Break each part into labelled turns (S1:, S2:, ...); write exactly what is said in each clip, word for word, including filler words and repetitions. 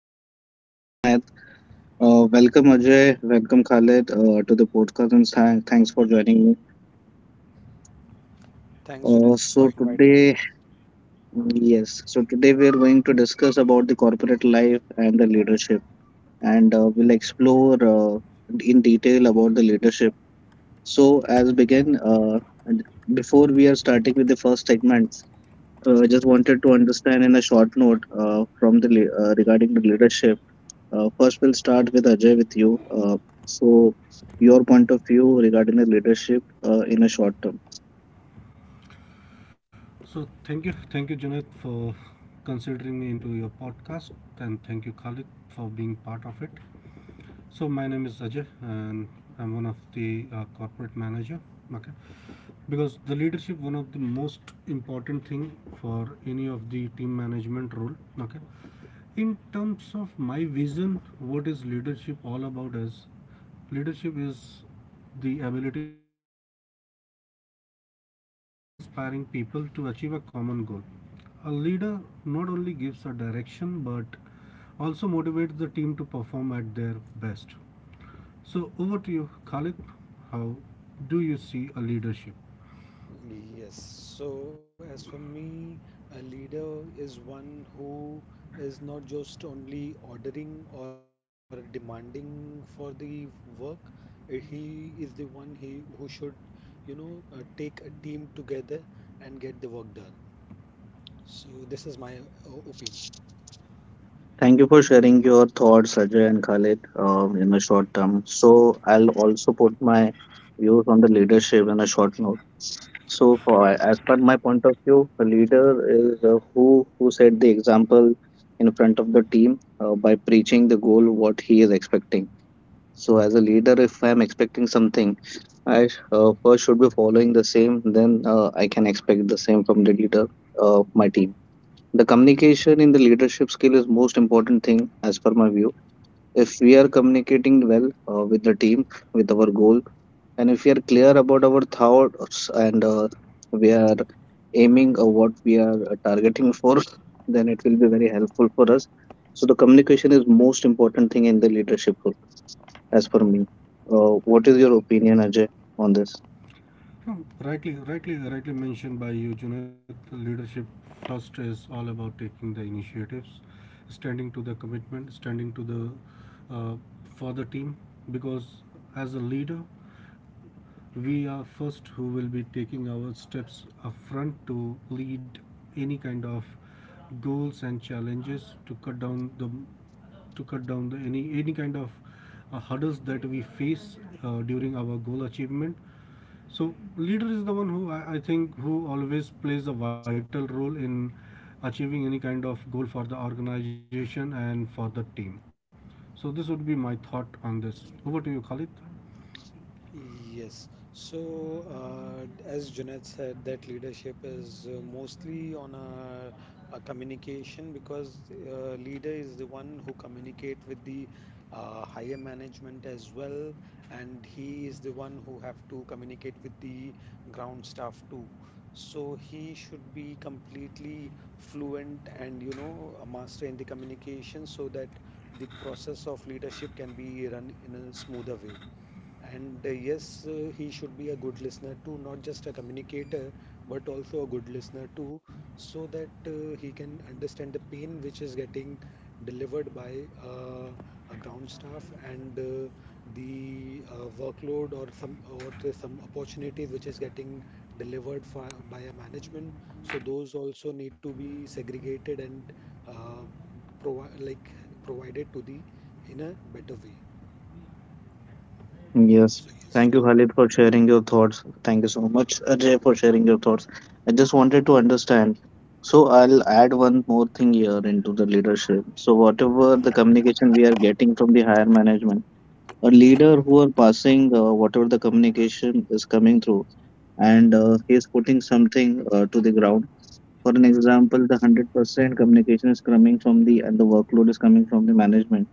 S1: This is your host Junaid. Uh, welcome Ajay, welcome Khalid uh, to the podcast, and th- thanks for joining me. Uh,
S2: Thanks,
S1: so
S2: Junaid, for
S1: today,
S2: inviting me.
S1: yes, so today we are going to discuss about the corporate life and the leadership, and uh, we'll explore uh, in detail about the leadership. So as begin, uh, and before we are starting with the first segment, uh, just wanted to understand in a short note uh, from the le- uh, regarding the leadership. Uh, first, we'll start with Ajay with you. Uh, so, your point of view regarding the leadership uh, in a short term.
S3: So thank you, thank you, Junaid, for considering me into your podcast, and thank you, Khalid, for being part of it. So my name is Ajay, and I'm one of the uh, corporate manager. Okay, because the leadership one of the most important thing for any of the team management role. Okay, in terms of my vision what is leadership all about is leadership is the ability to influence, okay, guide and inspiring people to achieve a common goal. A leader not only gives a direction but also motivates the team to perform at their best. So over to you, Khalid. How do you see a leadership?
S2: Yes. So, as for me, a leader is one who is not just only ordering or demanding for the work. Uh, He is the one he who should, you know, uh, take a team together and get the work done. So, this is my uh, opinion.
S1: Thank you for sharing your thoughts, Ajay and Khalid, uh, in a short term. So, I'll also put my views on the leadership in a short note. So, for, as per my point of view, a leader is uh, who who set the example in front of the team uh, by preaching the goal what he is expecting. So, as a leader, if I'm expecting something, I uh, first should be following the same, then uh, I can expect the same from the leader of my team. The communication in the leadership skill is most important thing as per my view. If we are communicating well uh, with the team, with our goal, and if we are clear about our thoughts and uh, we are aiming or what we are uh, targeting for, then it will be very helpful for us. So the communication is most important thing in the leadership role as per me. Uh, what is your opinion, Ajay, on this?
S3: Hmm, Rightly, rightly, rightly mentioned by you, Junaid. Leadership first is all about taking the initiatives, standing to the commitment, standing to the uh, for the team. Because as a leader, we are first who will be taking our steps up front to lead any kind of goals and challenges to cut down the to cut down the any any kind of uh, hurdles that we face uh, during our goal achievement. So leader is the one who, I, I think, who always plays a vital role in achieving any kind of goal for the organization and for the team. So this would be my thought on this. Over to you, Khalid.
S2: Yes. So, uh, as Junaid said, that leadership is uh, mostly on a, a communication because uh, leader is the one who communicate with the uh, higher management as well, and he is the one who have to communicate with the ground staff too. So he should be completely fluent and you know a master in the communication so that the process of leadership can be run in a smoother way. And uh, yes, uh, he should be a good listener too, not just a communicator, but also a good listener too, so that uh, he can understand the pain which is getting delivered by uh, a ground staff and uh, the uh, workload or some or the, some opportunities which is getting delivered for, by a management. So those also need to be segregated and uh, provi like provided to the in a better way.
S1: Yes.
S2: So yes,
S1: Thank you,
S2: Junaid.
S1: Khalid, for sharing your thoughts. Thank you so much, Ajay, for sharing your thoughts. I just wanted to understand. So I'll add one more thing here into the leadership. So whatever the communication we are getting from the higher management, a leader who are passing uh, whatever the communication is coming through, and uh, he is putting something uh, to the ground. For an example, the hundred percent communication is coming from the and the workload is coming from the management.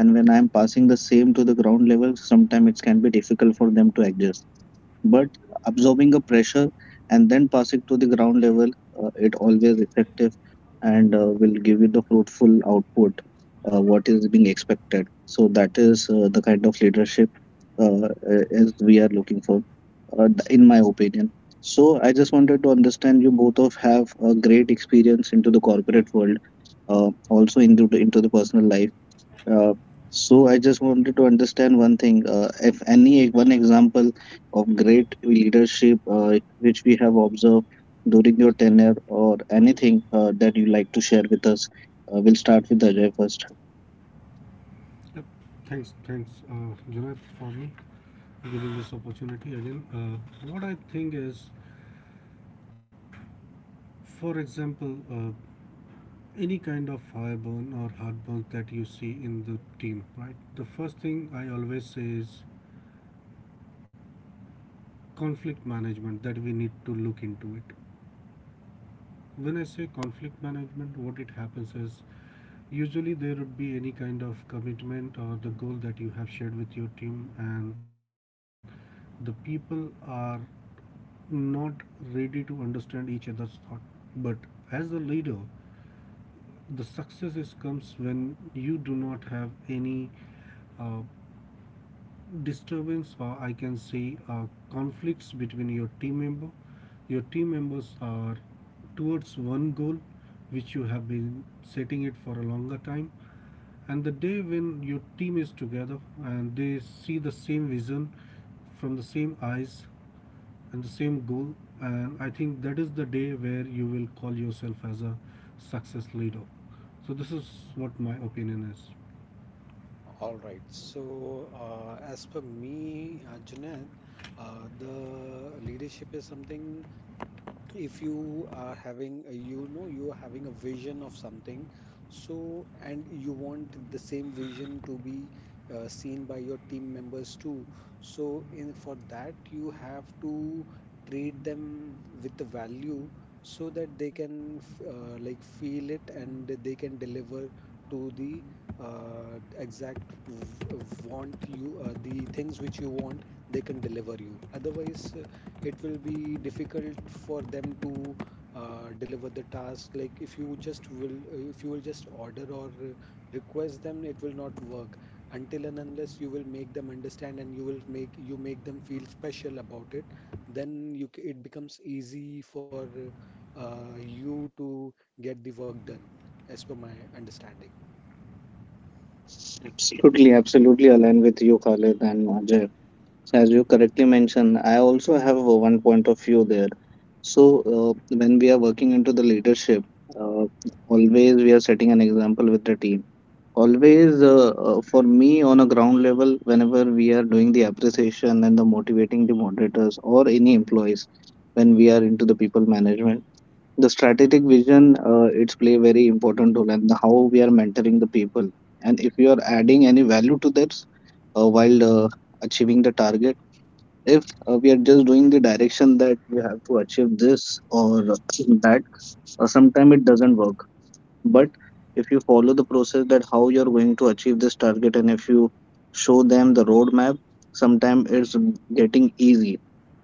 S1: And when I'm passing the same to the ground level, sometimes it can be difficult for them to adjust, but absorbing a pressure and then passing to the ground level, uh, it always effective and uh, will give you the fruitful output uh, what is being expected. So that is uh, the kind of leadership uh, as we are looking for, uh, th- in my opinion. So I just wanted to understand, you both of have a great experience into the corporate world, uh, also into the, into the personal life. uh, so I just wanted to understand one thing. Uh, if any e-, One example of great leadership uh, which we have observed during your tenure, or anything uh, that you like to share with us, uh, we'll start with Ajay first.
S3: Yep. Thanks, thanks, uh, Junaid, for me giving this opportunity again. Uh, what I think is, for example, uh, any kind of fireburn or heartburn that you see in the team, right? The first thing I always say is conflict management that we need to look into it. When I say conflict management, what it happens is, usually there would be any kind of commitment or the goal that you have shared with your team, and the people are not ready to understand each other's thought. But as a leader, the success is comes when you do not have any uh, disturbance, or I can say uh, conflicts between your team member. Your team members are towards one goal which you have been setting it for a longer time, and the day when your team is together and they see the same vision from the same eyes and the same goal, and I think that is the day where you will call yourself as a success leader. So this is what my opinion is.
S2: All right. So, uh, as per me, uh, Junaid, uh, the leadership is something if you are having, a- you know, you are having a vision of something, so and you want the same vision to be uh, seen by your team members too. So, in for that, you have to treat them with a value so that they can f- uh, like feel it and they can deliver to the uh, exact v- want you uh, the things which you want they can deliver you otherwise uh, it will be difficult for them to uh, deliver the task like if you just will if you will just order or uh, request them it will not work until and unless you will make them understand and you will make you make them feel special about it then you c- it becomes easy for uh, you to get the work done, as per my understanding.
S1: Absolutely, absolutely align with you, Khalid and Ajay. So as you correctly mentioned, I also have uh, one point of view there. So uh, when we are working into the leadership, uh, always we are setting an example with the team. Always uh, uh, for me on a ground level, whenever we are doing the appreciation and the motivating the moderators or any employees, when we are into the people management, the strategic vision uh, it's play very important role, and how we are mentoring the people and if you are adding any value to this uh, while uh, achieving the target. If uh, we are just doing the direction that you have to achieve this or that, uh, sometimes it doesn't work, but if you follow the process that how you're going to achieve this target and if you show them the roadmap, sometimes it's getting easy.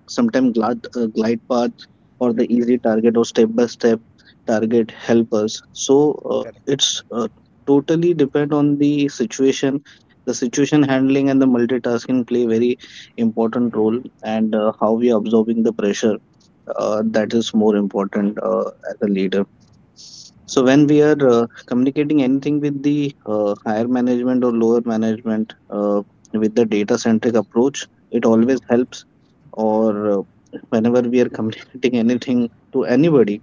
S1: Sometimes glide, uh, glide path or the easy target or step by step target help us. So uh,
S2: Correct.
S1: it's uh, totally depend on the situation. The situation handling and the multitasking play very important role, and uh, how we are absorbing the pressure, uh, that is more important uh, as a leader. So when we
S2: Align
S1: are
S2: with you.
S1: uh, communicating anything with the uh, higher management or lower management uh, with the data centric approach, it always helps. Or uh, whenever we are communicating anything to anybody,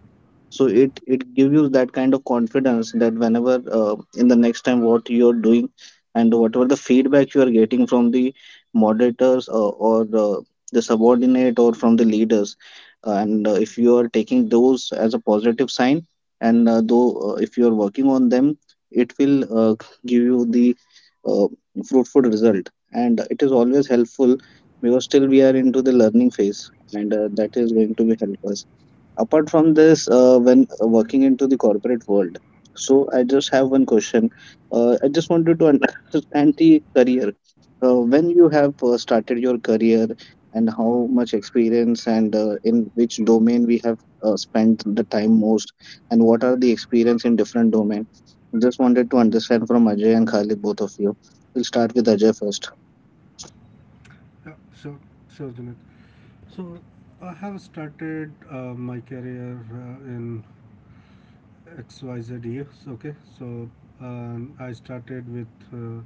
S1: so it it gives you that kind of confidence that whenever uh, in the next time what you're doing and whatever the feedback you are getting from the moderators uh, or uh, the subordinate or from the leaders, uh, and uh, if you are taking those as a positive sign and uh, though uh, if you are working on them, it will uh, give you the uh, fruitful result, and it is always helpful because still we are into the learning phase, and uh, that is going to be helpful. Apart from this, uh, when uh, working into the corporate world, so I just have one question. uh, I just wanted to understand the career, uh, when you have uh, started your career and how much experience and uh, in which domain we have uh, spent the time most, and what are the experience in different domain. Just wanted to understand from Ajay and Khalid, both of you. We'll start with Ajay first.
S3: Yeah, sure, sure, Janet. So I have started uh, my career uh, in X Y Z years. Okay, so um, I started with. Uh,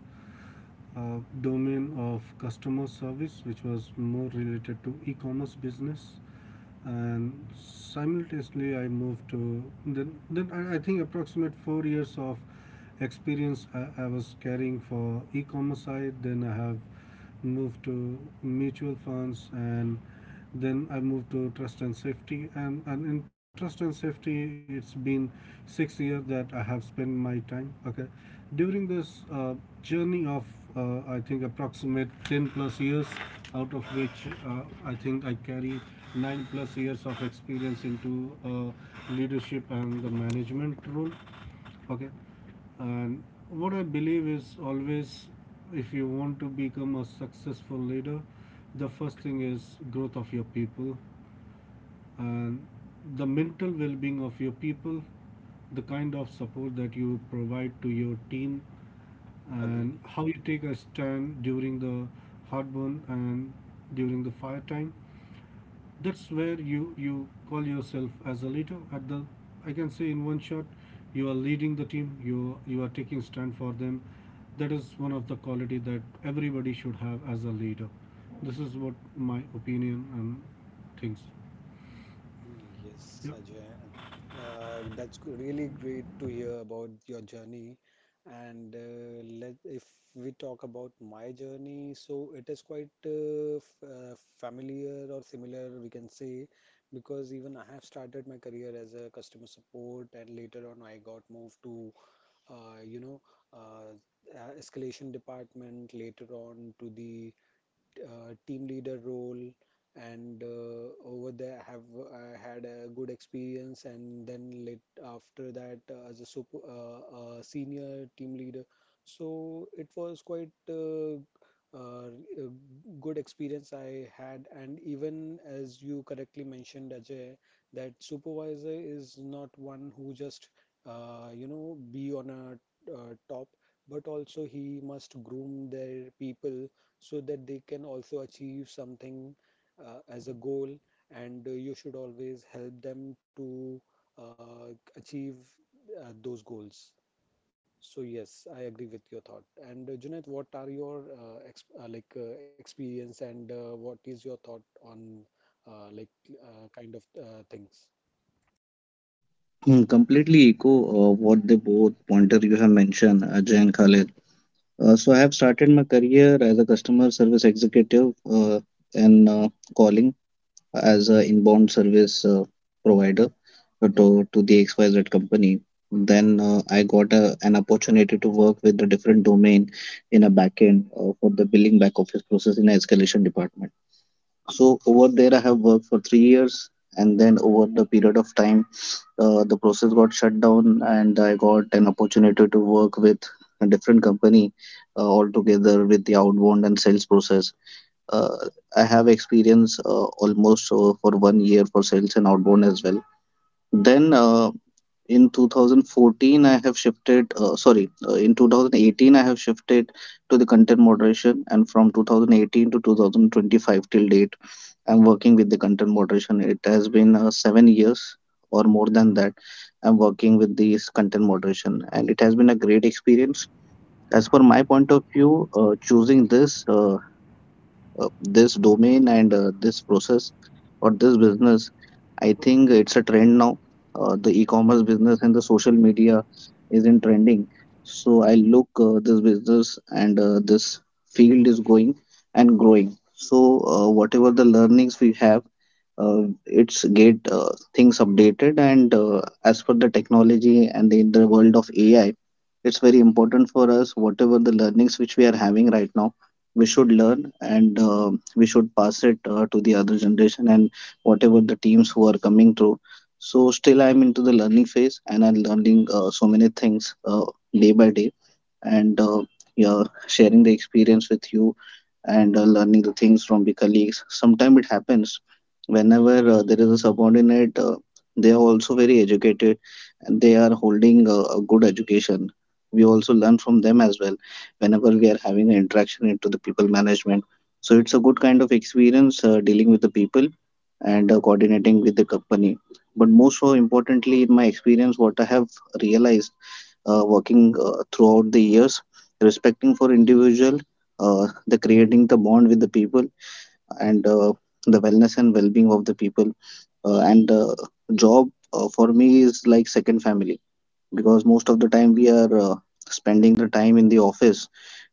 S3: uh, Domain of customer service, which was more related to e commerce business. And simultaneously, I moved to then, then I, I think approximate four years of experience I, I was carrying for e commerce side. Then I have moved to mutual funds, and then I moved to trust and safety, and, and in trust and safety it's been six years that I have spent my time. Okay, during this uh, journey of uh, I think approximate ten plus years, out of which uh, I think I carry nine plus years of experience into uh, leadership and the management role. Okay, and what I believe is always if you want to become a successful leader, the first thing is growth of your people, and the mental well-being of your people, the kind of support that you provide to your team, and
S2: Agree.
S3: how you take a stand during the hard burn and during the fire time. That's where you you call yourself as a leader. At the, I can say, in one shot, you are leading the team. You you are taking stand for them. That is one of the quality that everybody should have as a leader. This is what my opinion and things.
S2: Yes,
S3: Yeah.
S2: Ajay. Uh, that's g- really great to hear about your journey. And uh, let if we talk about my journey, so it is quite uh, f uh, familiar or similar, we can say, because even I have started my career as a customer support, and later on I got moved to uh, you know, uh, uh, escalation department, later on to the uh, team leader role and uh, over there have I had a good experience and then lit after that uh, as a super, uh, uh, senior team leader so it was quite uh, uh, a good experience I had and even as you correctly mentioned Ajay that supervisor is not one who just uh, you know be on a uh, top but also he must groom their people so that they can also achieve something uh, as a goal and uh, you should always help them to uh, achieve uh, those goals. So yes, I agree with your thought. And uh, Junaid, what are your uh, ex uh, like uh, experience and uh, what is your thought on uh, like uh, kind of uh, things?
S1: Hmm, completely echo uh, what the both pointer you have mentioned, Ajay and Khalid. Uh, so I have started my career as a customer service executive uh, and uh, calling as an inbound service uh, provider uh, to, to the X Y Z company. Then uh, I got a, an opportunity to work with a different domain in a backend uh, for the billing back office process in a escalation department. So over there, I have worked for three years, and then over the period of time, uh, the process got shut down, and I got an opportunity to work with a different company uh, altogether with the outbound and sales process. Uh, I have experience uh, almost uh, for one year for sales and outbound as well. Then uh, in two thousand fourteen I have shifted, uh, sorry, uh, in two thousand eighteen I have shifted to the content moderation, and from two thousand eighteen to two thousand twenty-five till date I'm working with the content moderation. It has been uh, seven years or more than that I'm working with this content moderation, and it has been a great experience. As per my point of view, uh, choosing this uh, uh, this domain and uh, this process or this business, I think it's a trend now. Uh, the e-commerce business and the social media is in trending, so I look uh, this business and uh, this field is going and growing. So uh, whatever the learnings we have, uh, it's get uh, things updated and uh, as per the technology and in the world of AI, it's very important for us whatever the learnings which we are having right now. We should learn, and uh, we should pass it uh, to the other generation and whatever the teams who are coming through. So still I'm into the learning phase, and I'm learning uh, so many things uh, day by day, and uh, yeah, sharing the experience with you and uh, learning the things from the colleagues. Sometimes it happens whenever uh, there is a subordinate, uh, they are also very educated and they are holding uh, a good education. We also learn from them as well whenever we are having an interaction into the people management. So it's a good kind of experience uh, dealing with the people and uh, coordinating with the company. But most so importantly, in my experience, what I have realized uh, working uh, throughout the years, respecting for individual, uh, the creating the bond with the people, and uh, the wellness and well-being of the people, uh, and uh, job uh, for me is like second family, because most of the time we are uh, spending the time in the office,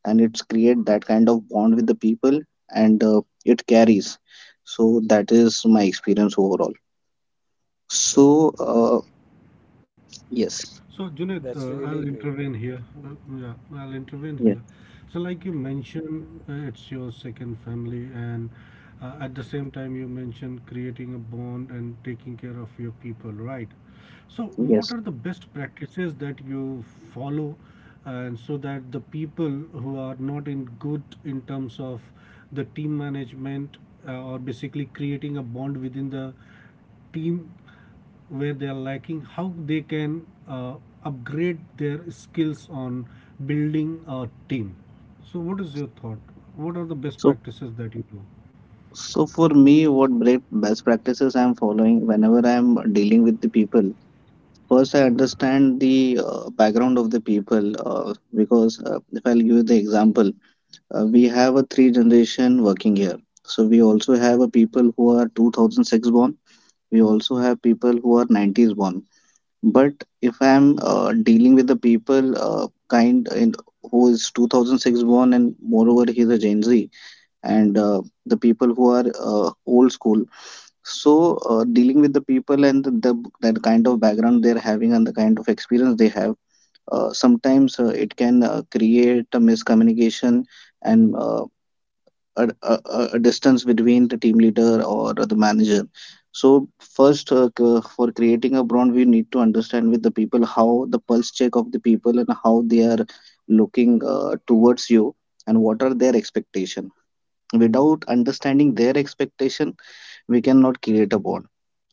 S1: and it's create that kind of bond with the people, and uh, it carries. So that is my experience overall. So uh, yes.
S3: So, Junaid, uh,
S2: That's
S3: I'll
S2: really great.
S3: intervene here. Uh, yeah, I'll intervene here.
S1: Yes.
S3: So, like you mentioned, uh, it's your second family, and uh, at the same time, you mentioned creating a bond and taking care of your people, right? So, what
S1: yes
S3: are the best practices that you follow, and so that the people who are not in good in terms of the team management uh, or basically creating a bond within the team, where they are lacking, how they can uh, upgrade their skills on building a team? So what is your thought? What are the best
S1: so
S3: practices that you do?
S1: So for me, what great best practices I'm following whenever I'm dealing with the people, first I understand the uh, background of the people uh, because uh, if I'll give you the example, uh, we have a three generation working here. So we also have a people who are two thousand six born. We also have people who are nineties born. But if I'm uh, dealing with the people uh, kind in, who is twenty oh six born and moreover he's a Gen Z, and uh, the people who are uh, old school, so uh, dealing with the people and the that kind of background they're having and the kind of experience they have, uh, sometimes uh, it can uh, create a miscommunication and uh, a, a, a a distance between the team leader or the manager. So first, uh, c- for creating a brand, we need to understand with the people how the pulse check of the people and how they are looking uh, towards you, and what are their expectation. Without understanding their expectation, we cannot create a bond.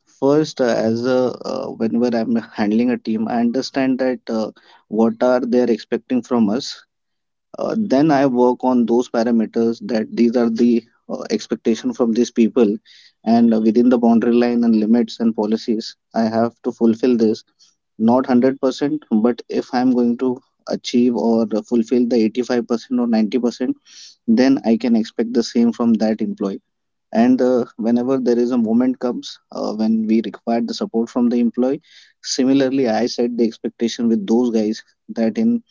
S1: First uh, as a uh, Whenever I'm handling a team, I understand that uh, what are they expecting from us. Uh, then I work on those parameters, that these are the uh, expectation from these people, and uh, within the boundary line and limits and policies I have to fulfill this, not one hundred percent. But if I'm going to achieve or fulfill the eighty-five percent or ninety percent, then I can expect the same from that employee. And uh, whenever there is a moment comes uh, when we require the support from the employee, similarly I set the expectation with those guys that in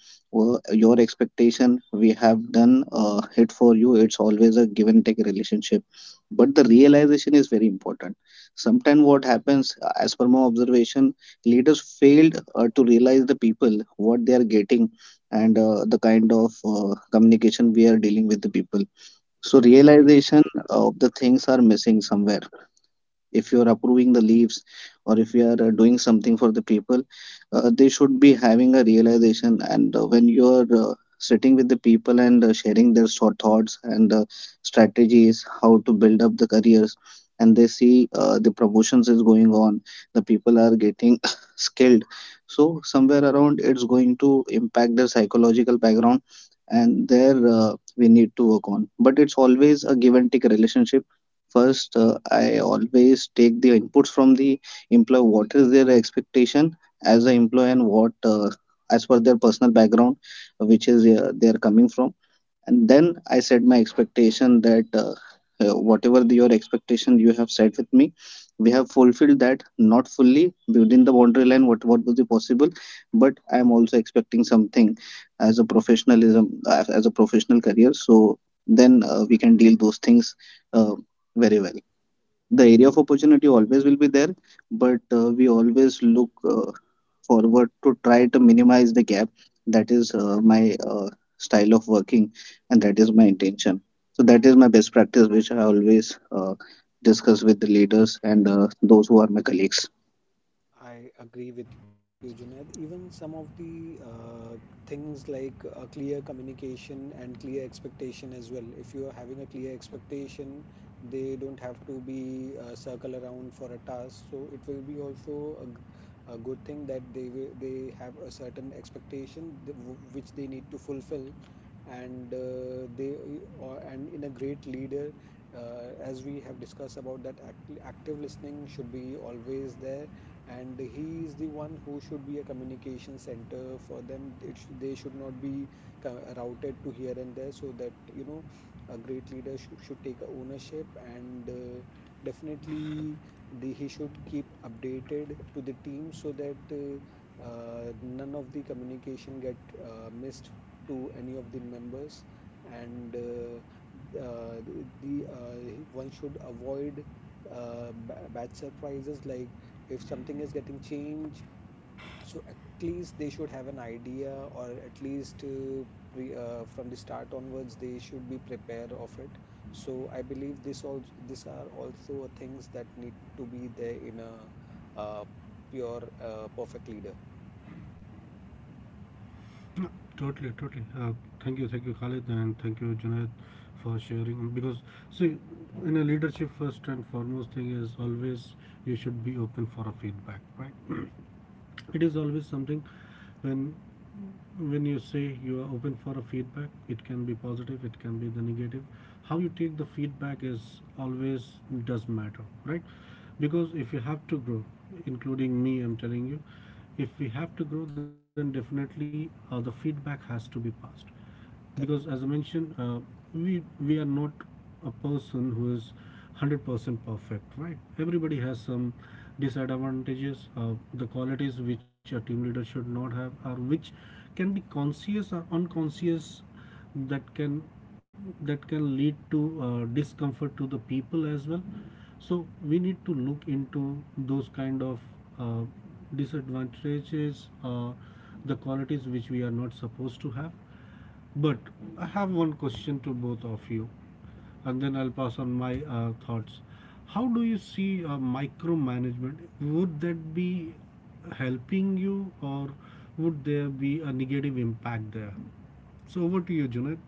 S1: uh, your expectation we have done uh, it for you. It's always a give and take relationship, but the realization is very important. Sometimes what happens, uh, as per my observation, leaders failed uh, to realize the people what they are getting, and uh, the kind of uh, communication we are dealing with the people. So
S2: I agree with you.
S1: realization of the things are missing somewhere. If you are approving the leaves, or if you are uh, doing something for the people, uh, they should be having a realization. And uh, when you are uh, sitting with the people and uh, sharing their sort thoughts and uh, strategies how to build up the careers, and they see uh, the promotions is going on, the people are getting skilled, so somewhere around it's going to impact their psychological background. And there uh, we need to work on, but it's always a give and take relationship. First, uh, I always take the inputs from the employer. What is their expectation as an employee, and what, uh, as per their personal background, uh, which is uh, they are coming from, and then I set my expectation that uh, uh, whatever the, your expectation you have set with me, we have fulfilled that, not fully, within the boundary line what what would be possible. But I am also expecting something, as a professionalism, uh, as a professional career. So then uh, we can deal those things uh, very well. The area of opportunity always will be there, but uh, we always look uh, forward to try to minimize the gap. That is uh, my uh, style of working, and that is my intention. So that is my best practice, which I always uh, discuss with the leaders and uh, those who are my colleagues.
S2: I agree with you, Junaid. Even some of the uh, things like a clear communication and clear expectation as well. If you are having a clear expectation, they don't have to be uh, circle around for a task. So it will be also a, g- a good thing that they will, they have a certain expectation th- w- which they need to fulfill, and uh, they or and in a great leader. Uh, as we have discussed about that act active listening should be always there and he is the one who should be a communication center for them. It sh they should not be co- routed to here and there so that you know a great leader should, should take a ownership and uh, definitely the, he should keep updated to the team so that uh, uh, none of the communication get uh, missed to any of the members and uh, uh, the uh, one should avoid uh, ba- bad surprises like if something is getting changed so at least they should have an idea or at least uh, pre, uh, from the start onwards they should be prepared of it so I believe this all these are also things that need to be there in a uh, pure uh, perfect leader.
S3: No, totally totally uh, thank you thank you Khalid, and thank you, Junaid, for sharing. Because, see, in a leadership, first and foremost thing is always you should be open for a feedback, right? It is always something when when you say you are open for a feedback, it can be positive, it can be the negative. How you take the feedback is always does matter, right? Because if you have to grow, including me, I'm telling you, if we have to grow, then definitely uh, the feedback has to be passed. Because as I
S2: Correct.
S3: mentioned, uh, we we are not a person who is one hundred percent perfect, right? Everybody has some disadvantages. Uh, the qualities which a team leader should not have, or which can be conscious or unconscious, that can that can lead to uh, discomfort to the people as well. So we need to look into those kind of uh, disadvantages, or the qualities which we are not supposed to have. But I have one question to both of you, and then I'll pass on my uh, thoughts. How do you see uh, micromanagement? Would that be helping you, or would there be a negative impact there? So over to you, Junaid.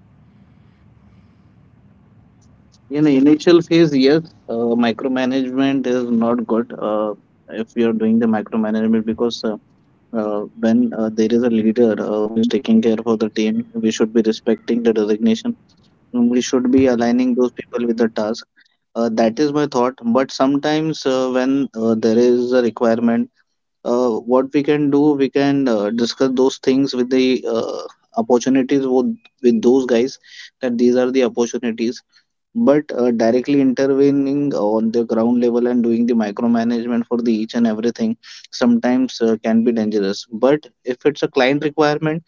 S1: In the initial phase, yes, uh, micromanagement is not good. Uh, if you're doing the micromanagement, because uh, uh, when uh, there is a leader uh, who is taking care for the team, we should be respecting the designation. We should be aligning those people with the task. Uh, that is my thought. But sometimes uh, when uh, there is a requirement, uh, what we can do, we can uh, discuss those things with the uh, opportunities with, with those guys, that these are the opportunities. But uh, directly intervening on the ground level and doing the micromanagement for the each and everything sometimes uh, can be dangerous. But if it's a client requirement,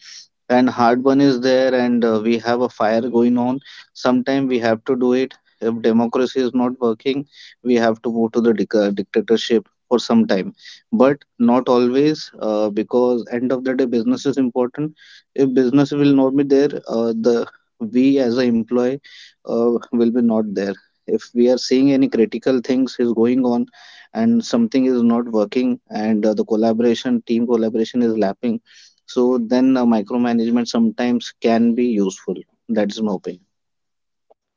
S1: and hard one is there, and uh, we have a fire going on, sometime we have to do it. If democracy is not working, we have to move to the dic- uh, dictatorship for some time, but not always, uh, because end of the day business is important. If business will not be there, uh, the we as a employee uh, will be not there. If we are seeing any critical things is going on, and something is not working, and uh, the collaboration team collaboration is lapping, so then uh, micromanagement sometimes can be useful. That is my opinion.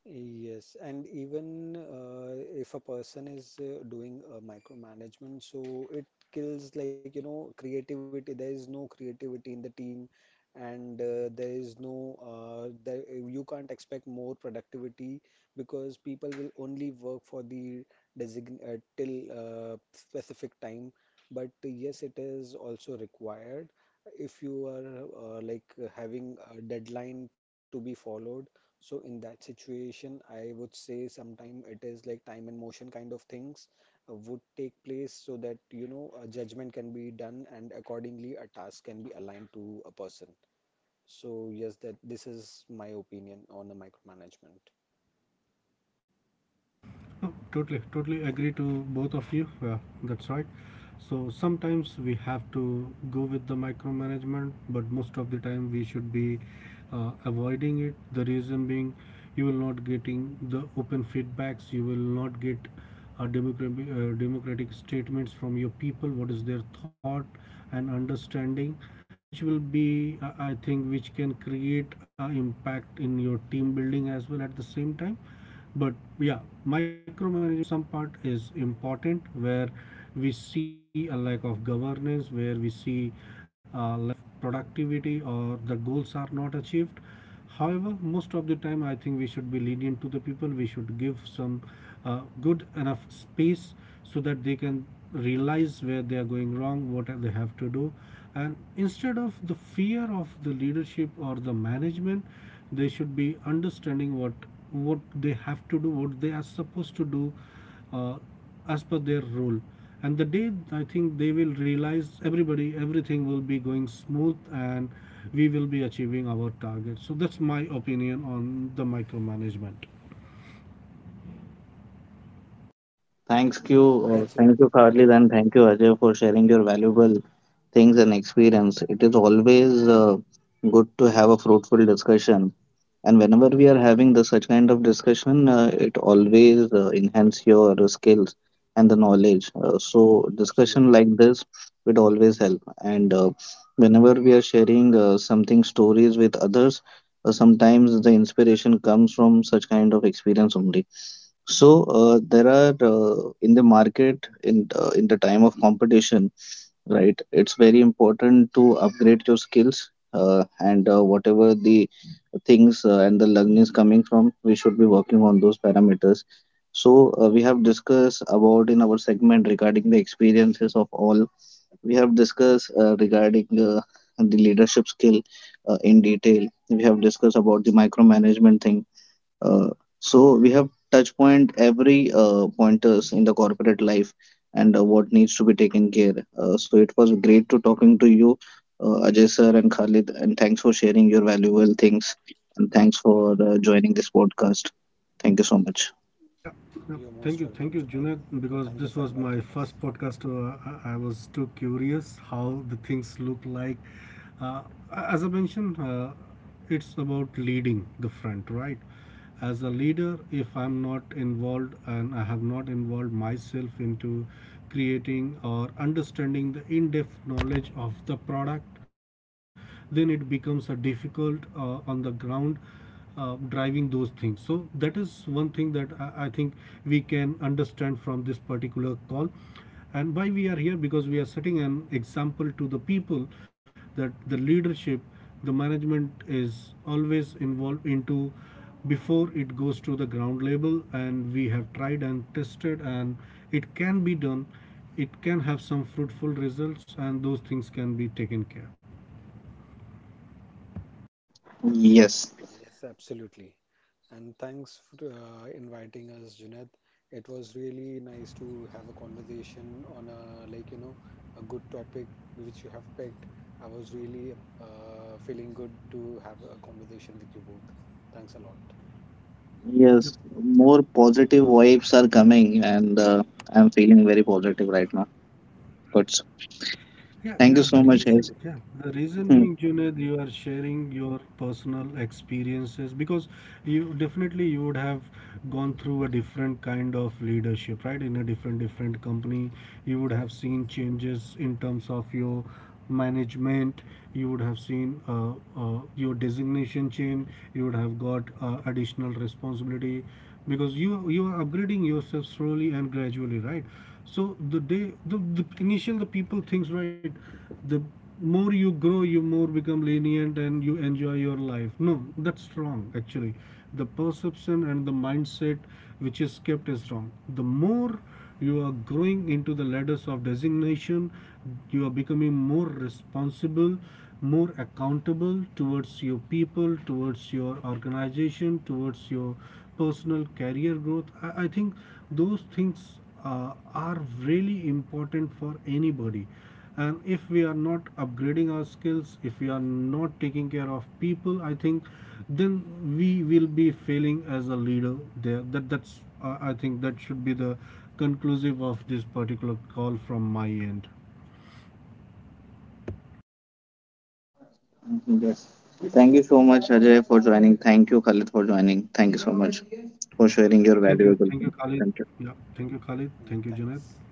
S2: Yes, and even uh, if a person is uh, doing uh, micromanagement, so it kills like you know creativity. There is no creativity in the team, and uh, there is no uh, there, you can't expect more productivity because people will only work for the design uh, till uh, specific time. But yes, it is also required if you are uh, like having a deadline to be followed so in that situation, I would say sometime it is like time and motion kind of things uh, would take place so that you know a judgment can be done and accordingly a task can be aligned to a person. So yes, that this is my opinion on the micromanagement.
S3: No, totally, totally agree to both of you. Yeah, that's right. So sometimes we have to go with the micromanagement, but most of the time we should be uh, avoiding it. The reason being, you will not getting the open feedbacks. You will not get uh, democratic uh, democratic statements from your people. What is their thought and understanding, which will be, uh, I think, which can create an impact in your team building as well at the same time. But yeah, micromanagement some part is important where we see a lack of governance, where we see a lack of productivity, or the goals are not achieved. However, most of the time, I think we should be lenient to the people. We should give some uh, good enough space, so that they can realize where they are going wrong, what they have to do, and instead of the fear of the leadership or the management, they should be understanding what what they have to do, what they are supposed to do uh, as per their role. And the day I think they will realize, everybody, everything will be going smooth, and we will be achieving our target. So that's my opinion on the micromanagement.
S1: Thanks you, uh,
S2: That's really
S1: thank you,
S2: great. Yeah,
S1: Khalid, and thank you, Ajay, for sharing your valuable things and experience. It is always uh, good to have a fruitful discussion. And whenever we are having the such kind of discussion, uh, it always uh, enhance your uh, skills and the knowledge. Uh, so discussion
S2: absolutely.
S1: like this would always help. And uh, whenever we are sharing uh, something stories with others, uh, sometimes the inspiration comes from such kind of experience only. So uh, there are uh, in the market, in uh, in the time of competition. Right. It's very important to upgrade your skills, uh, and uh, whatever the things uh, and the learning is coming from, we should be working on those parameters. So, uh, we have discussed about in our segment regarding the experiences of all. We have discussed uh, regarding uh, the leadership skill uh, in detail. We have discussed about the micromanagement thing, uh, so we have touch point every uh, pointers in the corporate life, and uh, what needs to be taken care. Uh, so it was great to talking to you, uh, Ajay sir and Khalid, and thanks for sharing your valuable things, and thanks for uh, joining this podcast. Thank you so much.
S3: Yeah, yeah.
S2: You're most
S3: Thank you,
S2: welcome,
S3: thank you,
S2: Junaid.
S3: Junaid, because
S2: Thank you
S3: this
S2: for
S3: was
S2: inviting
S3: my
S2: us.
S3: first podcast. Uh, I, I was too curious how the things look like. Uh, as I mentioned, uh, it's about leading the front, right? As a leader, if I'm not involved, and I have not involved myself into creating or understanding the in-depth knowledge of the product, then it becomes a difficult uh, on the ground uh, driving those things. So that is one thing that I, I think we can understand from this particular call. And why we are here, because we are setting an example to the people that the leadership, the management is always involved into, before it goes to the ground level, and we have tried and tested, and it can be done, it can have some fruitful results, and those things can be taken care.
S1: Yes,
S2: Yes, absolutely. And thanks for uh, inviting us, Junaid. It was really nice to have a conversation on a like you know a good topic which you have picked. I was really uh, feeling good to have a conversation with you both. Thanks a lot.
S3: Yep.
S1: yes, more positive vibes are coming, and uh, I'm feeling very positive right now. Good.
S3: Yeah,
S1: Thank
S3: yeah,
S1: you
S3: the
S1: so
S2: That's
S1: much,
S3: reason,
S1: guys.
S2: really
S3: yeah,
S2: great.
S3: the reason being, Junaid, you are sharing your personal experiences, because you definitely you would have gone through a different kind of leadership, right? In a different different company, you would have
S2: Correct.
S3: seen changes in terms of your management, you would have seen uh, uh, your designation change, you would have got uh, additional responsibility, because you you are upgrading yourself slowly and gradually, right? So the day the, the initial the people thinks, right, the more you grow you more become lenient and you enjoy your life, no, that's wrong actually. The perception and the mindset which is kept is wrong. The more you are growing into the ladders of designation, you are becoming more responsible, more accountable towards your people, towards your organization, towards your personal career growth. I, I think those things uh, are really important for anybody. And if we are not upgrading our skills, if we are not taking care of people, I think then we will be failing as a leader. There, that that's uh, I think, that should be the conclusive of this particular call from my end.
S1: Yes. Thank you so much, Ajay, for joining. Thank you, Khalid, for joining. Thank you so much for sharing your
S3: Thank you,
S1: valuable.
S3: thank you,
S1: Input.
S3: Khalid.
S1: Thank you.
S3: Yeah, thank you, Khalid,
S2: Yeah,
S3: thank you, Janet.
S2: thanks.